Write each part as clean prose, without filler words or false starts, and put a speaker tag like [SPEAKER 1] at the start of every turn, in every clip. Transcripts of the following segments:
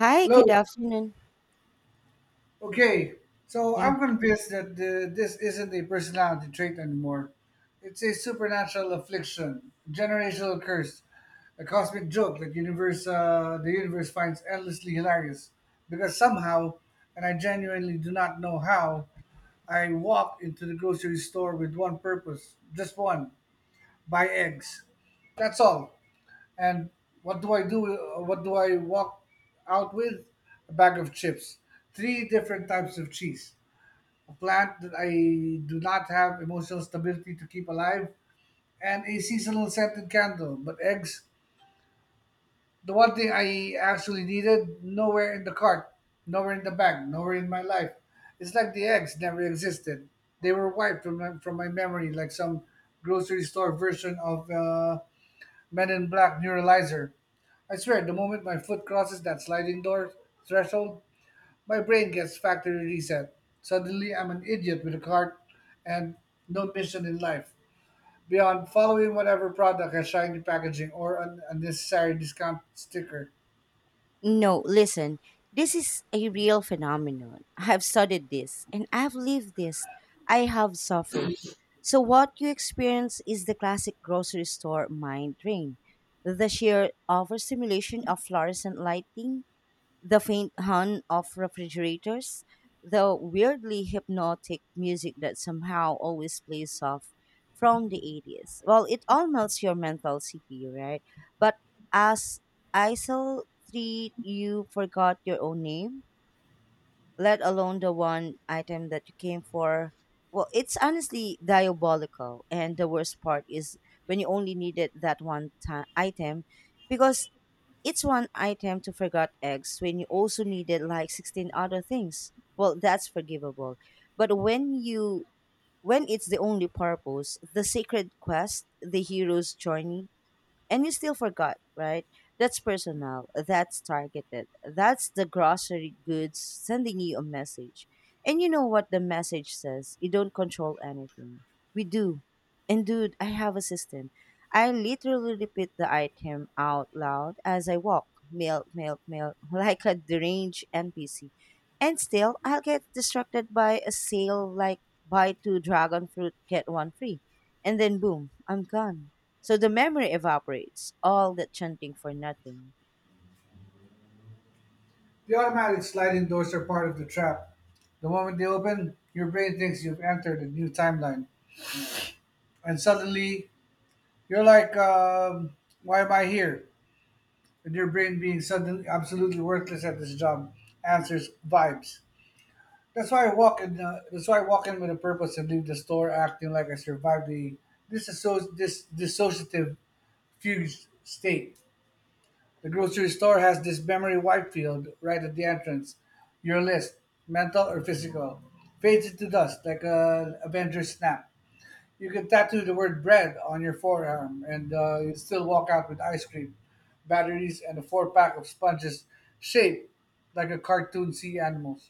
[SPEAKER 1] Hi, good
[SPEAKER 2] Hello.
[SPEAKER 1] afternoon.
[SPEAKER 2] Okay. So
[SPEAKER 1] Yeah,
[SPEAKER 2] I'm convinced that this isn't a personality trait anymore. It's a supernatural affliction, generational curse, a cosmic joke that the universe finds endlessly hilarious. Because somehow, and I genuinely do not know how, I walked into the grocery store with one purpose, just one: buy eggs. That's all. And what do I do? What do I walk out with? A bag of chips, three different types of cheese, a plant that I do not have emotional stability to keep alive, and a seasonal scented candle. But eggs, the one thing I actually needed, nowhere in the cart, nowhere in the bag, nowhere in my life. It's like the eggs never existed. They were wiped from from my memory, like some grocery store version of Men in Black Neuralizer. I swear, the moment my foot crosses that sliding door threshold, my brain gets factory reset. Suddenly, I'm an idiot with a cart and no mission in life beyond following whatever product has shiny packaging or an unnecessary discount sticker.
[SPEAKER 1] no, listen, this is a real phenomenon. I've studied this and I've lived this. I have suffered. So, what you experience is the classic grocery store mind drain, the sheer overstimulation of fluorescent lighting, the faint hum of refrigerators, the weirdly hypnotic music that somehow always plays off from the 80s. Well, it all melts your mental CPU, right? But as ISIL 3, you forgot your own name, let alone the one item that you came for. Well, it's honestly diabolical. And the worst part is when you only needed that one ti item, because it's one item. To forgot eggs when you also needed like 16 other things, well, that's forgivable. But when you when it's the only purpose, the sacred quest, the hero's journey, and you still forgot, right? That's personal. That's targeted. That's the grocery goods sending you a message. And you know what the message says? You don't control anything. We do. And dude, I have a system. I literally repeat the item out loud as I walk. Milk, milk, milk, like a deranged NPC. And still, I'll get distracted by a sale like buy two dragon fruit, get one free. And then boom, I'm gone. So the memory evaporates, all that chanting for nothing.
[SPEAKER 2] The automatic sliding doors are part of the trap. The moment they open, your brain thinks you've entered a new timeline, and suddenly you're like, "Why am I here?" with your brain being suddenly absolutely worthless at this job. Answers vibes. That's why I walk in. That's why I walk in with a purpose and leave the store acting like I survived the this dissociative fused state. The grocery store has this memory white field right at the entrance. Your list, mental or physical, fades into dust like a Avengers snap. You can tattoo the word bread on your forearm and you still walk out with ice cream, batteries, and a four pack of sponges shaped like a cartoon sea animals.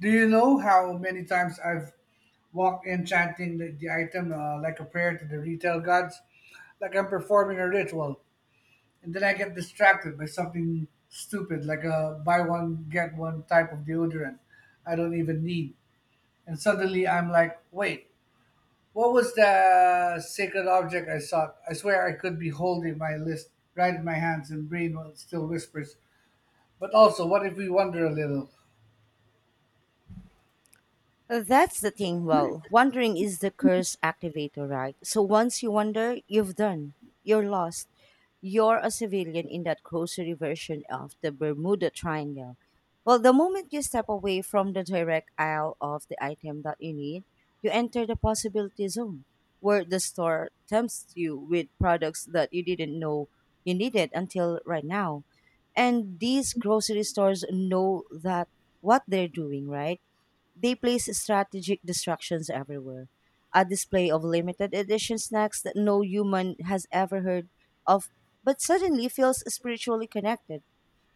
[SPEAKER 2] Do you know how many times I've walked in chanting the item like a prayer to the retail gods? Like I'm performing a ritual. And then I get distracted by something stupid, like a buy one, get one type of deodorant I don't even need. And suddenly I'm like, wait, what was the sacred object I sought? I swear I could be holding my list right in my hands and brain still whispers. But also, what if we wander a little?
[SPEAKER 1] That's the thing. Well, wondering is the curse activator, right? So once you wonder, you've done. You're lost. You're a civilian in that grocery version of the Bermuda Triangle. Well, the moment you step away from the direct aisle of the item that you need, you enter the possibility zone, where the store tempts you with products that you didn't know you needed until right now. And these grocery stores know that what they're doing, right? They place strategic distractions everywhere. A display of limited edition snacks that no human has ever heard of, but suddenly feels spiritually connected,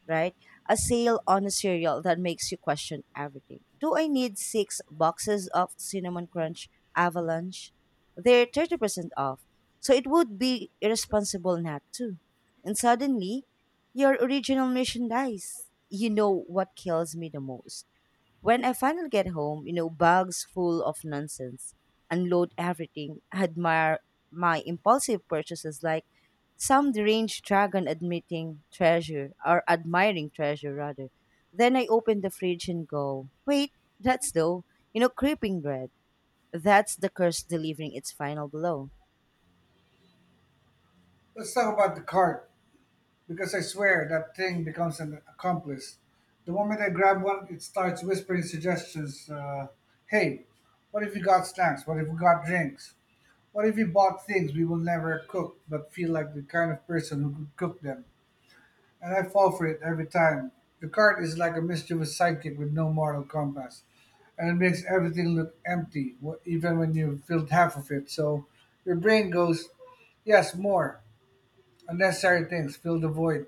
[SPEAKER 1] right? A sale on a cereal that makes you question everything. Do I need six boxes of Cinnamon Crunch Avalanche? They're 30% off, so it would be irresponsible not to. And suddenly, your original mission dies. You know what kills me the most? When I finally get home, you know, bags full of nonsense, unload everything, admire my impulsive purchases like some deranged dragon admitting treasure, or admiring treasure rather. Then I open the fridge and go, wait, that's though, you know, creeping bread. That's the curse delivering its final blow.
[SPEAKER 2] Let's talk about the cart, because I swear that thing becomes an accomplice. The moment I grab one, it starts whispering suggestions. Hey, what if we got snacks? What if we got drinks? What if we bought things we will never cook but feel like the kind of person who could cook them? And I fall for it every time. The card is like a mischievous sidekick with no moral compass. And it makes everything look empty, even when you've filled half of it. So your brain goes, yes, more. Unnecessary things, fill the void.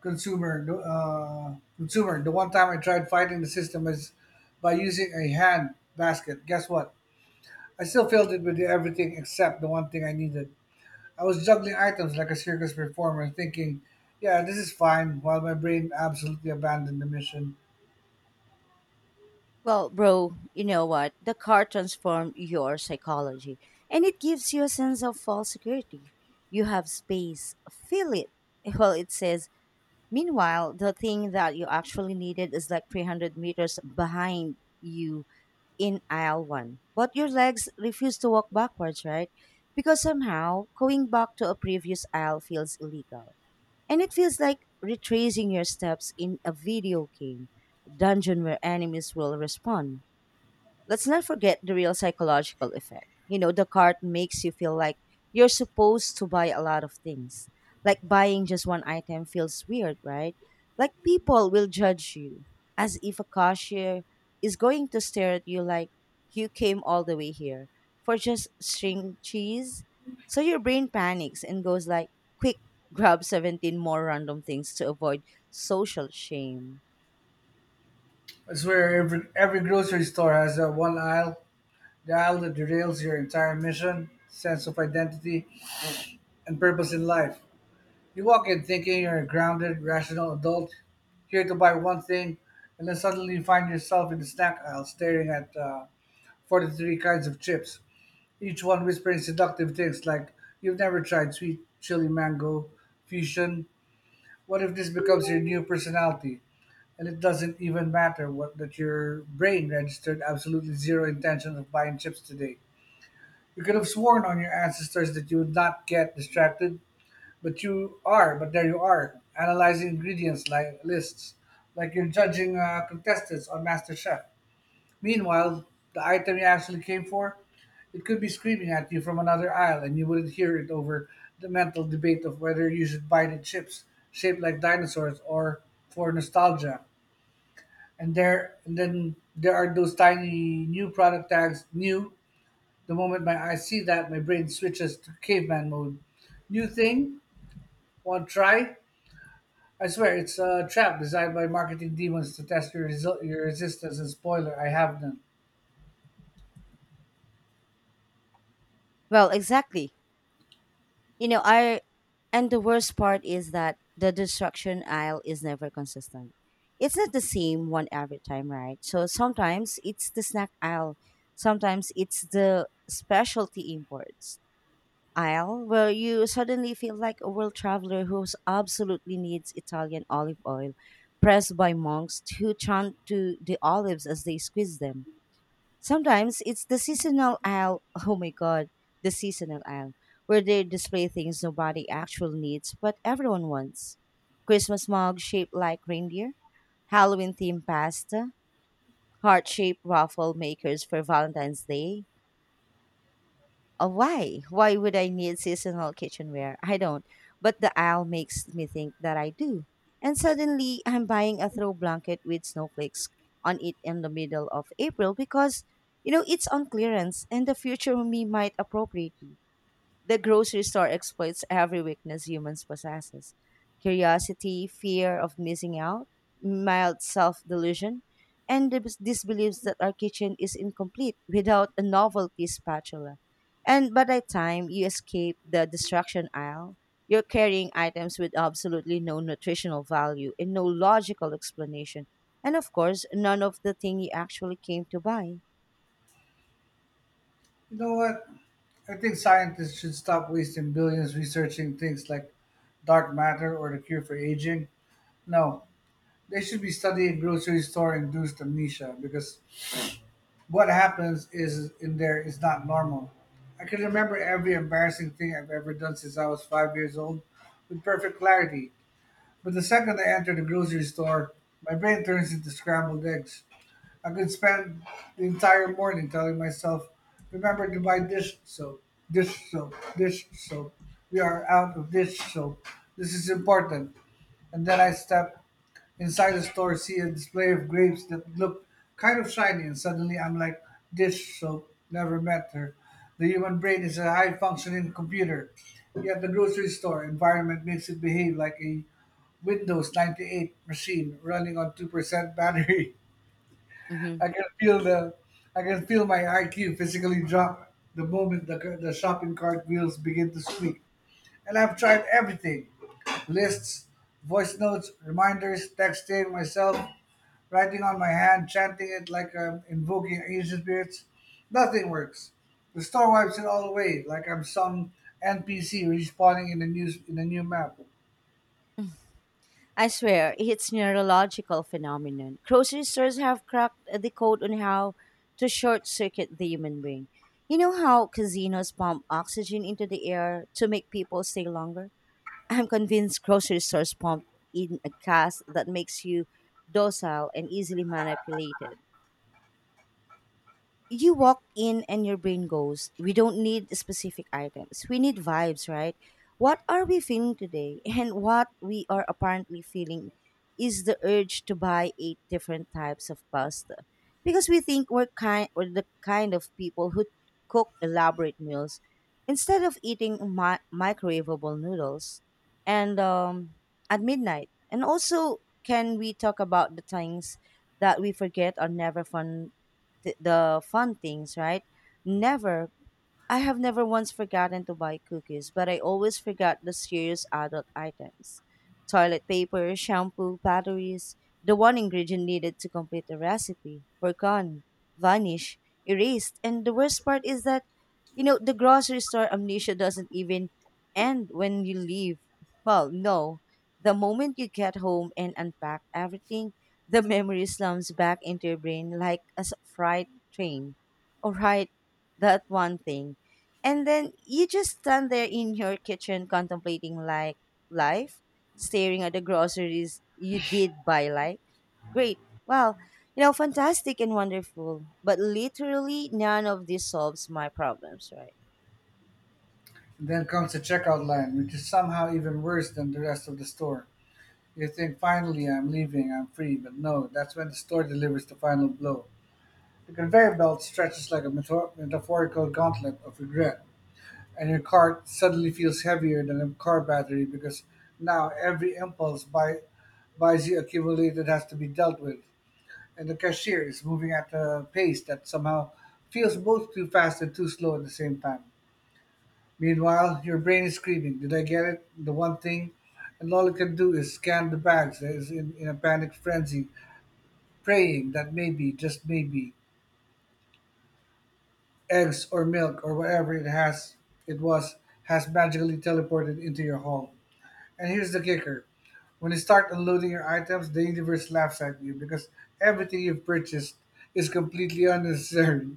[SPEAKER 2] Consumer. The one time I tried fighting the system is by using a hand basket. Guess what? I still filled it with everything except the one thing I needed. I was juggling items like a circus performer, thinking, yeah, this is fine, while my brain absolutely abandoned the mission.
[SPEAKER 1] Well, bro, you know what? The car transformed your psychology and it gives you a sense of false security. You have space, feel it. Well, it says, meanwhile, the thing that you actually needed is like 300 meters behind you in aisle one. But your legs refuse to walk backwards, right? Because somehow going back to a previous aisle feels illegal. And it feels like retracing your steps in a video game dungeon where enemies will respond. Let's not forget the real psychological effect. You know, the card makes you feel like you're supposed to buy a lot of things. Like buying just one item feels weird, right? Like people will judge you, as if a cashier is going to stare at you like you came all the way here for just string cheese. So your brain panics and goes like, quick, grab 17 more random things to avoid social shame.
[SPEAKER 2] I swear, every grocery store has that one aisle, the aisle that derails your entire mission, sense of identity, and purpose in life. You walk in thinking you're a grounded, rational adult, here to buy one thing, and then suddenly you find yourself in the snack aisle staring at 43 kinds of chips, each one whispering seductive things like, you've never tried sweet chili mango fusion. What if this becomes your new personality, and it doesn't even matter what that your brain registered absolutely zero intention of buying chips today? You could have sworn on your ancestors that you would not get distracted, but you are. But there you are, analyzing ingredients like lists, like you're judging contestants on MasterChef. Meanwhile, the item you actually came for? It could be screaming at you from another aisle, and you wouldn't hear it over the mental debate of whether you should buy the chips shaped like dinosaurs or for nostalgia. And then there are those tiny new product tags. New. The moment my eyes see that, my brain switches to caveman mode. New thing? Want try? I swear it's a trap designed by marketing demons to test your resistance. And spoiler, I have none.
[SPEAKER 1] Well, exactly. You know, I and the worst part is that the destruction aisle is never consistent. It's not the same one every time, right? So sometimes it's the snack aisle, sometimes it's the specialty imports aisle where you suddenly feel like a world traveler who absolutely needs Italian olive oil pressed by monks who chant to the olives as they squeeze them. Sometimes it's the seasonal aisle. Oh my god, the seasonal aisle, where they display things nobody actually needs but everyone wants. Christmas mug shaped like reindeer, Halloween themed pasta, heart shaped waffle makers for Valentine's Day, why? Why would I need seasonal kitchenware? I don't. But the aisle makes me think that I do. And suddenly, I'm buying a throw blanket with snowflakes on it in the middle of April because, you know, it's on clearance and the future me might appropriate it. The grocery store exploits every weakness humans possesses. Curiosity, fear of missing out, mild self-delusion, and the disbeliefs that our kitchen is incomplete without a novelty spatula. And by the time you escape the destruction aisle, you're carrying items with absolutely no nutritional value and no logical explanation. And of course, none of the thing you actually came to buy.
[SPEAKER 2] You know what? I think scientists should stop wasting billions researching things like dark matter or the cure for aging. No, they should be studying grocery store induced amnesia because what happens is in there is not normal. I can remember every embarrassing thing I've ever done since I was 5 years old with perfect clarity. But the second I enter the grocery store, my brain turns into scrambled eggs. I could spend the entire morning telling myself, remember to buy dish soap, dish soap, dish soap. We are out of dish soap. This is important. And then I step inside the store, see a display of grapes that look kind of shiny, and suddenly I'm like, dish soap, never met her. The human brain is a high functioning computer. Yet the grocery store environment makes it behave like a Windows 98 machine running on 2% battery.
[SPEAKER 1] Mhm.
[SPEAKER 2] I can feel the, I can feel my IQ physically drop the moment the shopping cart wheels begin to squeak. And I've tried everything: lists, voice notes, reminders, texting myself, writing on my hand, chanting it like I'm invoking ancient spirits. Nothing works. The store wipes it all away, like I'm some NPC respawning in a new map.
[SPEAKER 1] I swear, it's neurological phenomenon. Grocery stores have cracked the code on how to short circuit the human brain. You know how casinos pump oxygen into the air to make people stay longer? I'm convinced grocery stores pump in a gas that makes you docile and easily manipulated. You walk in and your brain goes, we don't need specific items. We need vibes, right? What are we feeling today? And what we are apparently feeling is the urge to buy eight different types of pasta. Because we think we're kind, or the kind of people who cook elaborate meals instead of eating microwavable noodles and at midnight. And also, can we talk about the things that we forget are never fun, the fun things, right? Never. I have never once forgotten to buy cookies, but I always forgot the serious adult items: toilet paper, shampoo, batteries. The one ingredient needed to complete the recipe were gone, vanished, erased. And the worst part is that, you know, the grocery store amnesia doesn't even end when you leave. Well, no. The moment you get home and unpack everything, the memory slums back into your brain like a freight train. All right, that one thing. And then you just stand there in your kitchen contemplating like life, staring at the groceries you did buy like, great, wow, you know, fantastic and wonderful, but literally none of this solves my problems, right?
[SPEAKER 2] Then comes the checkout line, which is somehow even worse than the rest of the store. You think finally I'm leaving, I'm free, but no, that's when the store delivers the final blow. The conveyor belt stretches like a metaphorical gauntlet of regret, and your cart suddenly feels heavier than a car battery because now every buys you accumulated has to be dealt with, and the cashier is moving at a pace that somehow feels both too fast and too slow at the same time. Meanwhile, your brain is screaming, did I get it? The one thing. And all it can do is scan the bags that is in a panic frenzy, praying that maybe, just maybe, eggs or milk or whatever it has it was has magically teleported into your home. And here's the kicker. When you start unloading your items, the universe laughs at you because everything you've purchased is completely unnecessary.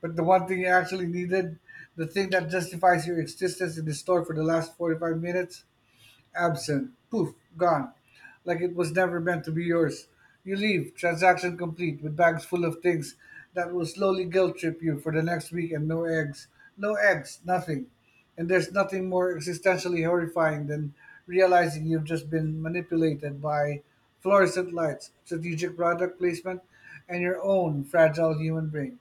[SPEAKER 2] But the one thing you actually needed, the thing that justifies your existence in the store for the last 45 minutes, absent. Poof. Gone. Like it was never meant to be yours. You leave, transaction complete, with bags full of things that will slowly guilt trip you for the next week and no eggs. No eggs, nothing. And there's nothing more existentially horrifying than realizing you've just been manipulated by fluorescent lights, strategic product placement, and your own fragile human brain.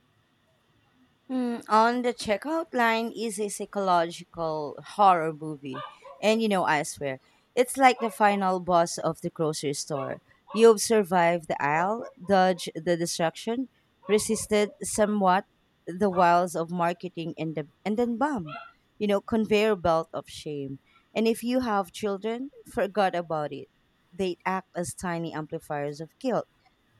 [SPEAKER 1] Mm, on the checkout line is a psychological horror movie. And you know, I swear, it's like the final boss of the grocery store. You've survived the aisle, dodged the destruction, resisted somewhat the wiles of marketing and, and then bam, you know, conveyor belt of shame. And if you have children, forgot about it. They act as tiny amplifiers of guilt,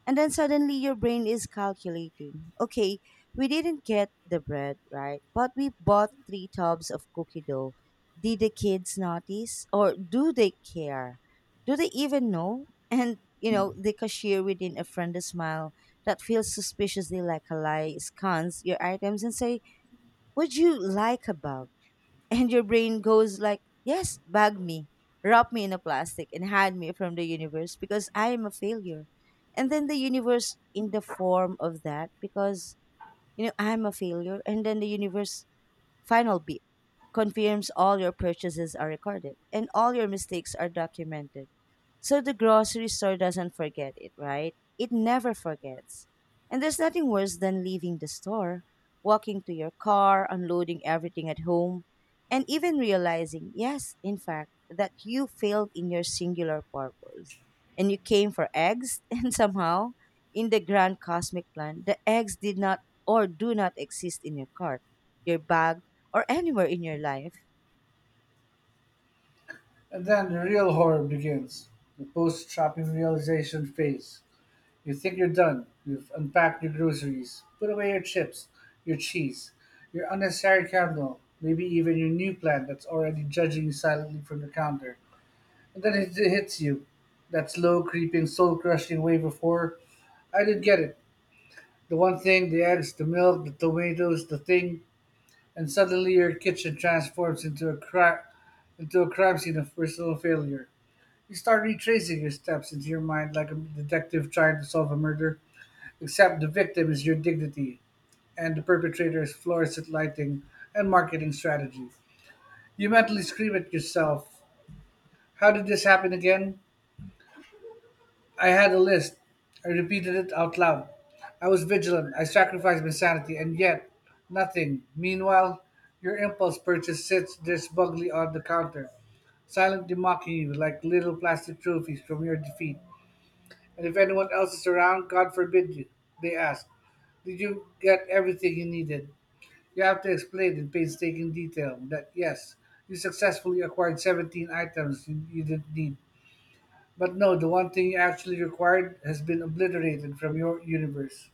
[SPEAKER 1] and then suddenly your brain is calculating. Okay, we didn't get the bread, right? But we bought three tubs of cookie dough. Did the kids notice? Or do they care? Do they even know? And, you know, the cashier within a friendly smile that feels suspiciously like a lie scans your items and say, what'd you like about, and your brain goes like, "Yes, bag me, wrap me in a plastic, and hide me from the universe because I am a failure." And then the universe in the form of that, because you know I'm a failure, and then the universe. Final beep confirms all your purchases are recorded and all your mistakes are documented. So the grocery store doesn't forget it, right? It never forgets. And there's nothing worse than leaving the store, walking to your car, unloading everything at home, and even realizing, yes, in fact, that you failed in your singular purpose. And you came for eggs, and somehow, in the grand cosmic plan, the eggs did not or do not exist in your cart, your bag, or anywhere in your life?
[SPEAKER 2] And then the real horror begins the post shopping realization phase. You think you're done. You've unpacked your groceries, put away your chips, your cheese, your unnecessary candle, maybe even your new plant that's already judging you silently from the counter. And then it hits you. That slow, creeping, soul crushing wave of horror. I did get it. The one thing, the eggs, the milk, the tomatoes, the thing, and suddenly your kitchen transforms into a crime scene of personal failure. You start retracing your steps into your mind like a detective trying to solve a murder. Except the victim is your dignity and the perpetrator is fluorescent lighting and marketing strategies. You mentally scream at yourself, how did this happen again? I had a list. I repeated it out loud. I was vigilant. I sacrificed my sanity, and yet nothing. Meanwhile, your impulse purchase sits there smugly on the counter, silently mocking you like little plastic trophies from your defeat. And if anyone else is around, God forbid you, they ask, did you get everything you needed? You have to explain in painstaking detail that yes, you successfully acquired 17 items you didn't need, but no, the one thing you actually required has been obliterated from your universe.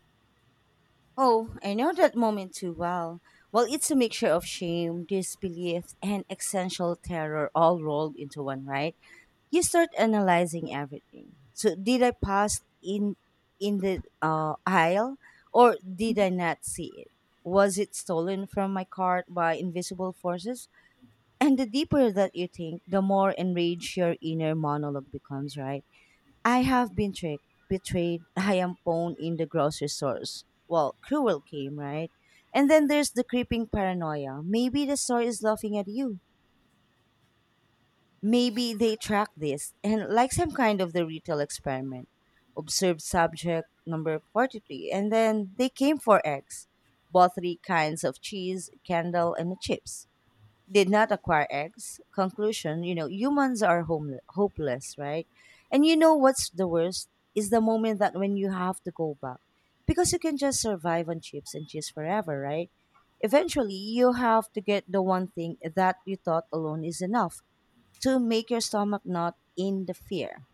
[SPEAKER 1] Oh, I know that moment too well. Well, it's a mixture of shame, disbelief, and existential terror all rolled into one, right? You start analyzing everything. So, did I pass in the aisle, or did I not see it? Was it stolen from my cart by invisible forces? And the deeper that you think, the more enraged your inner monologue becomes, right? I have been tricked, betrayed. I am pawned in the grocery stores. Well, cruel game, right? And then there's the creeping paranoia. Maybe the store is laughing at you. Maybe they track this and like some kind of the retail experiment. Observed subject number 43. And then they came for eggs. Both three kinds of cheese, candle, and chips, did not acquire eggs. Conclusion, you know, humans are hopeless, right? And you know what's the worst is the moment that when you have to go back, because you can just survive on chips and cheese forever, right? Eventually, you have to get the one thing that you thought alone is enough to make your stomach not in the fear.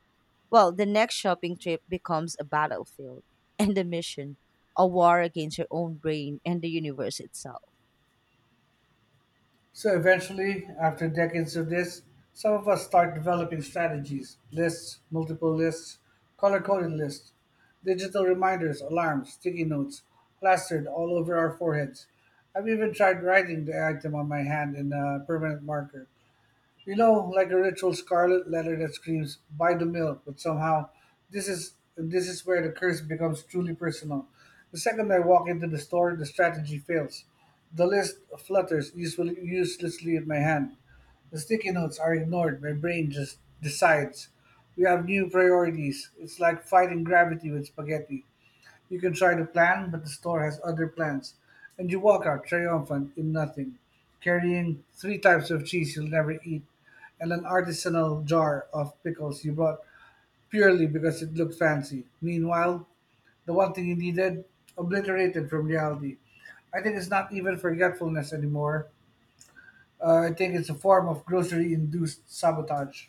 [SPEAKER 1] Well, the next shopping trip becomes a battlefield and a mission, a war against your own brain and the universe itself.
[SPEAKER 2] So eventually, after decades of this, some of us start developing strategies, lists, multiple lists, color coded lists, digital reminders, alarms, sticky notes, plastered all over our foreheads. I've even tried writing the item on my hand in a permanent marker. You know, like a ritual scarlet letter that screams, buy the milk, but somehow this is where the curse becomes truly personal. The second I walk into the store, the strategy fails. The list flutters usually uselessly in my hand. The sticky notes are ignored. My brain just decides. We have new priorities. It's like fighting gravity with spaghetti. You can try to plan, but the store has other plans, and you walk out triumphant in nothing, carrying three types of cheese you'll never eat and an artisanal jar of pickles you bought purely because it looked fancy. Meanwhile, the one thing you needed, obliterated from reality. I think it's not even forgetfulness anymore. I think it's a form of grocery induced sabotage.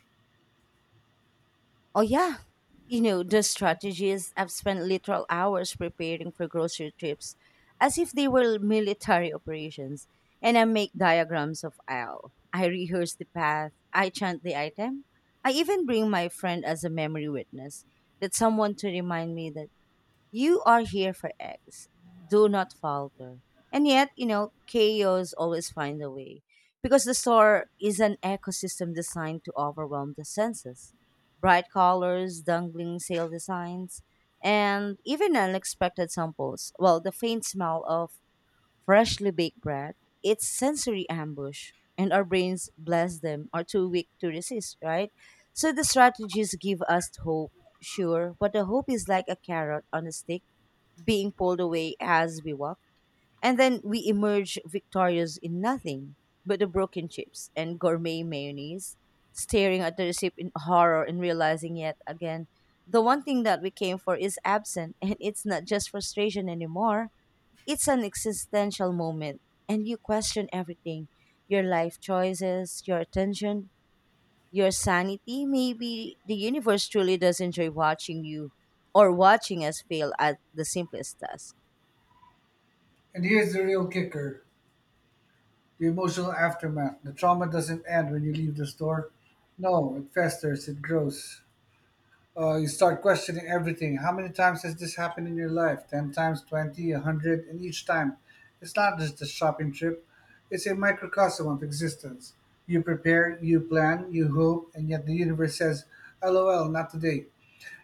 [SPEAKER 1] Oh yeah. You know, the strategies I've spent literal hours preparing for grocery trips as if they were military operations. And I make diagrams of aisle. I rehearse the path. I chant the item. I even bring my friend as a memory witness. That someone to remind me that you are here for X. Do not falter. And yet, chaos always find a way because the store is an ecosystem designed to overwhelm the senses. Bright colors, dangling sale designs, and even unexpected samples. Well, the faint smell of freshly baked bread, it's sensory ambush, and our brains, bless them, are too weak to resist, right? So the strategies give us hope, sure, but the hope is like a carrot on a stick being pulled away as we walk, and then we emerge victorious in nothing but the broken chips and gourmet mayonnaise, staring at the receipt in horror and realizing yet again the one thing that we came for is absent, and it's not just frustration anymore, it's an existential moment, and you question everything, your life choices, your attention, your sanity. Maybe the universe truly does enjoy watching you or watching us fail at the simplest task.
[SPEAKER 2] And here's the real kicker. The emotional aftermath. The trauma doesn't end when you leave the store. No, it festers, it grows. You start questioning everything. How many times has this happened in your life? 10 times, 20, a 100, and each time. It's not just a shopping trip, it's a microcosm of existence. You prepare, you plan, you hope, and yet the universe says, LOL, not today.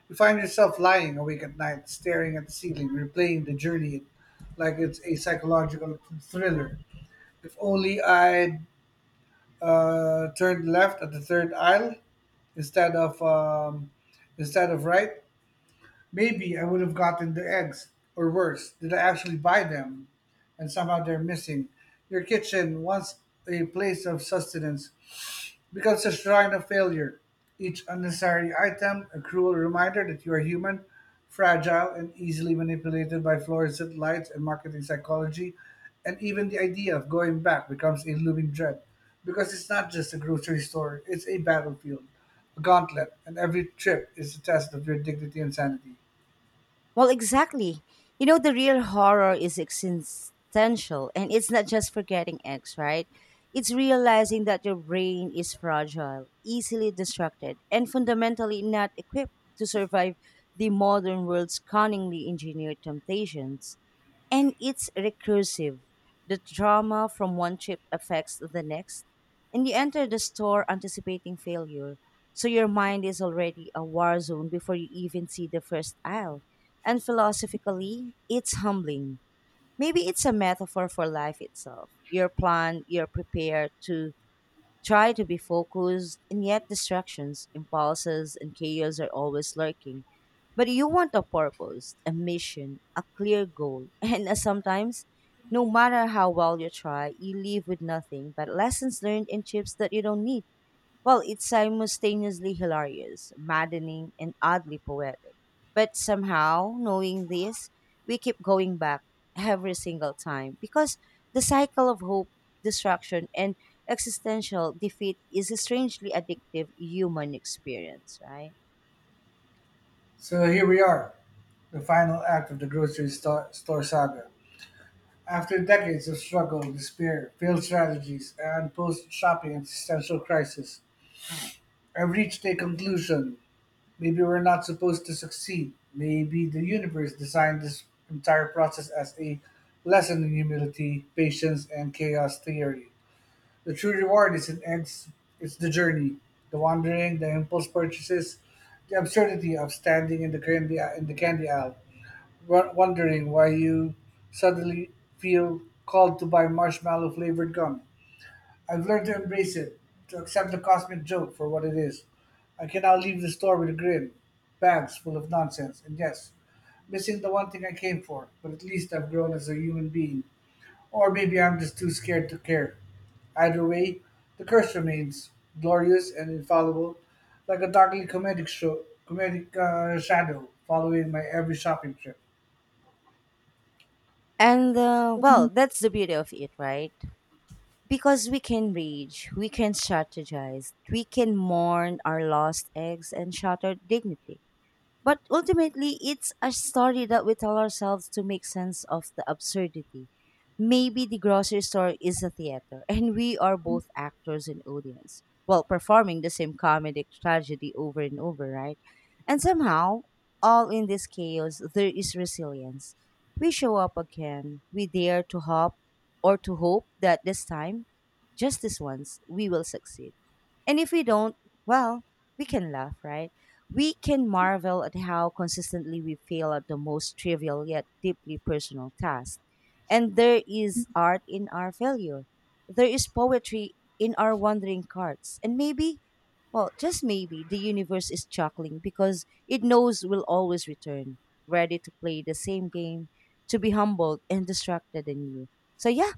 [SPEAKER 2] You find yourself lying awake at night, staring at the ceiling, replaying the journey like it's a psychological thriller. If only I turned left at the third aisle instead of um, instead of right, maybe I would have gotten the eggs. Or worse, did I actually buy them, and somehow they're missing? Your kitchen, once a place of sustenance, becomes a shrine of failure, each unnecessary item a cruel reminder that you are human, fragile, and easily manipulated by fluorescent lights and marketing psychology, and even the idea of going back becomes a looming dread. Because it's not just a grocery store, it's a battlefield, a gauntlet, and every trip is a test of your dignity and sanity.
[SPEAKER 1] Well, exactly. You know, the real horror is existential, and it's not just forgetting X, right? It's realizing that your brain is fragile, easily distracted, and fundamentally not equipped to survive the modern world's cunningly engineered temptations. And it's recursive. The trauma from one trip affects the next, and you enter the store anticipating failure. So your mind is already a war zone before you even see the first aisle. And philosophically, it's humbling. Maybe it's a metaphor for life itself. You're planned, you're prepared to try to be focused, and yet distractions, impulses, and chaos are always lurking. But you want a purpose, a mission, a clear goal, and sometimes, no matter how well you try, you leave with nothing but lessons learned and chips that you don't need. Well, it's simultaneously hilarious, maddening, and oddly poetic. But somehow, knowing this, we keep going back every single time because the cycle of hope, destruction, and existential defeat is a strangely addictive human experience, right?
[SPEAKER 2] So here we are, the final act of the store saga. After decades of struggle, despair, failed strategies, and post-shopping existential crisis, I've reached a conclusion. Maybe we're not supposed to succeed. Maybe the universe designed this entire process as a lesson in humility, patience, and chaos theory. The true reward isn't eggs, it's the journey, the wandering, the impulse purchases, the absurdity of standing in the candy aisle wondering why you suddenly feel called to buy marshmallow flavored gum. I've learned to embrace it, to accept the cosmic joke for what it is. I can now leave the store with a grin, bags full of nonsense, and yes, missing the one thing I came for, but at least I've grown as a human being. Or maybe I'm just too scared to care. Either way, the curse remains, glorious and infallible, like a darkly comedic shadow following my every shopping trip.
[SPEAKER 1] And well, that's the beauty of it, right? Because we can rage, we can strategize, we can mourn our lost eggs and shattered dignity. But ultimately, it's a story that we tell ourselves to make sense of the absurdity. Maybe the grocery store is a theater, and we are both actors and audience, while performing the same comedic tragedy over and over, right? And somehow, all in this chaos, there is resilience. We show up again. We dare to hope or to hope that this time, just this once, we will succeed. And if we don't, well, we can laugh, right? We can marvel at how consistently we fail at the most trivial yet deeply personal task. And there is art in our failure. There is poetry in our wandering carts. And maybe, well, just maybe, the universe is chuckling because it knows we'll always return, ready to play the same game, to be humbled and distracted anew. So, yeah,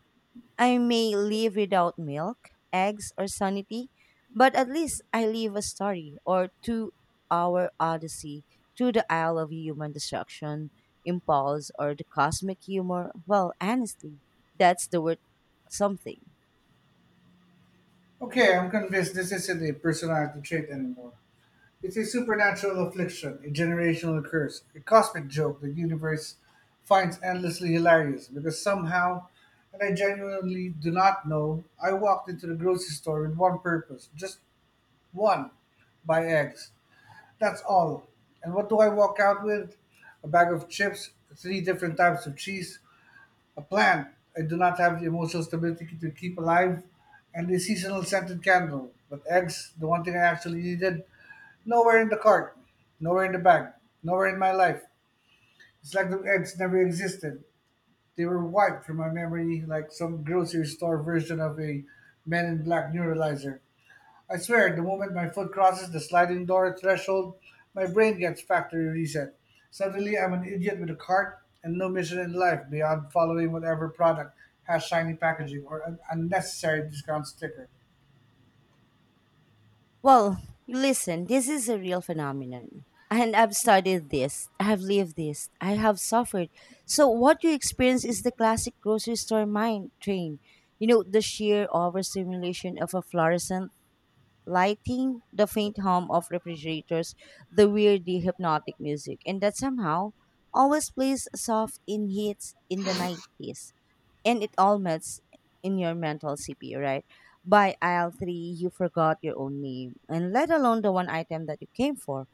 [SPEAKER 1] I may live without milk, eggs, or sanity, but at least I live a story or 2 hour odyssey through the aisle of human destruction, impulse, or the cosmic humor. Well, honestly, that's the word something.
[SPEAKER 2] Okay, I'm convinced this isn't a personality trait anymore. It's a supernatural affliction, a generational curse, a cosmic joke the universe finds endlessly hilarious because somehow, and I genuinely do not know, I walked into the grocery store with one purpose, just one, buy eggs. That's all. And what do I walk out with? A bag of chips, three different types of cheese, a plant I do not have the emotional stability to keep alive, and the seasonal scented candle. But eggs, the one thing I actually needed, nowhere in the cart, nowhere in the bag, nowhere in my life. It's like the eggs never existed. They were wiped from my memory like some grocery store version of a Men in Black neuralizer. I swear, the moment my foot crosses the sliding door threshold, my brain gets factory reset. Suddenly, I'm an idiot with a cart and no mission in life beyond following whatever product has shiny packaging or an unnecessary discount sticker.
[SPEAKER 1] Well, listen, this is a real phenomenon. And I've studied this, I have lived this, I have suffered. So, what you experience is the classic grocery store mind train. You know, the sheer overstimulation of a fluorescent lighting, the faint hum of refrigerators, the weirdly hypnotic music, and that somehow always plays soft in hits in the 90s. And it all melts in your mental CPU, right? By aisle three, you forgot your own name, and let alone the one item that you came for.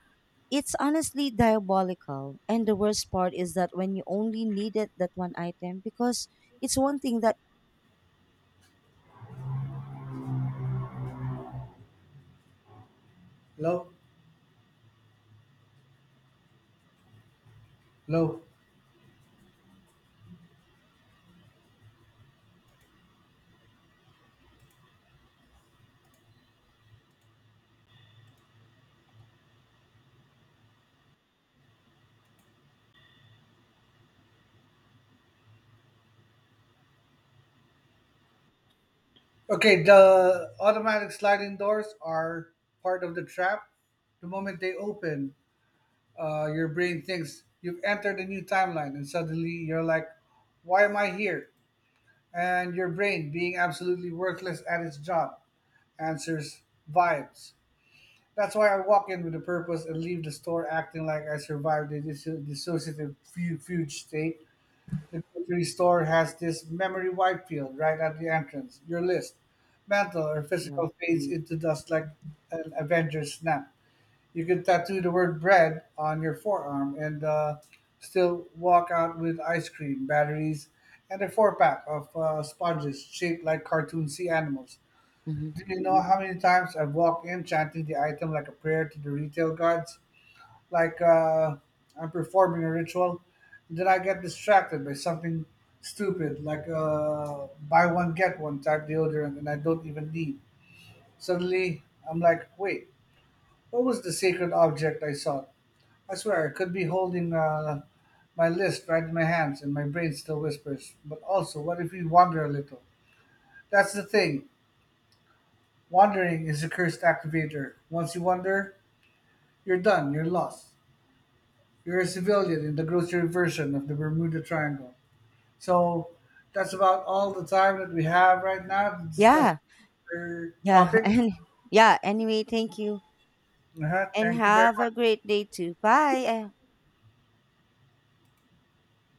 [SPEAKER 1] It's honestly diabolical. And the worst part is that when you only needed that one item, because it's one thing that,
[SPEAKER 2] Low, low. Okay, the automatic sliding doors are part of the trap. The moment they open, your brain thinks you've entered a new timeline, and suddenly you're like, why am I here? And your brain being absolutely worthless at its job, answers vibes. That's why I walk in with a purpose and leave the store acting like I survived a dissociative fugue state. The grocery store has this memory wipe field right at the entrance. Your list, mental or
[SPEAKER 1] you know.
[SPEAKER 2] physical, fades into dust like an Avengers snap. You could tattoo the word bread on your forearm and still walk out with ice cream, batteries, and a four pack of sponges shaped like cartoon sea animals.
[SPEAKER 1] Mhm.
[SPEAKER 2] Do you know how many times I've walked in chanting the item like a prayer to the retail guards? Like I'm performing a ritual. Then I get distracted by something stupid, like buy one, get one type deodorant, and I don't even need. Suddenly, I'm like, wait, what was the sacred object I sought? I swear I could be holding my list right in my hands and my brain still whispers. But also, what if we wander a little? That's the thing. Wandering is a cursed activator. Once you wander, you're done, you're lost. You're a civilian in the grocery version of the Bermuda Triangle. So that's about all the time that we have right now to discuss
[SPEAKER 1] Yeah,
[SPEAKER 2] our
[SPEAKER 1] yeah.
[SPEAKER 2] topic.
[SPEAKER 1] And yeah, anyway, thank you.
[SPEAKER 2] Uh-huh.
[SPEAKER 1] And
[SPEAKER 2] Thank you very
[SPEAKER 1] have a
[SPEAKER 2] much.
[SPEAKER 1] great day too. Bye. I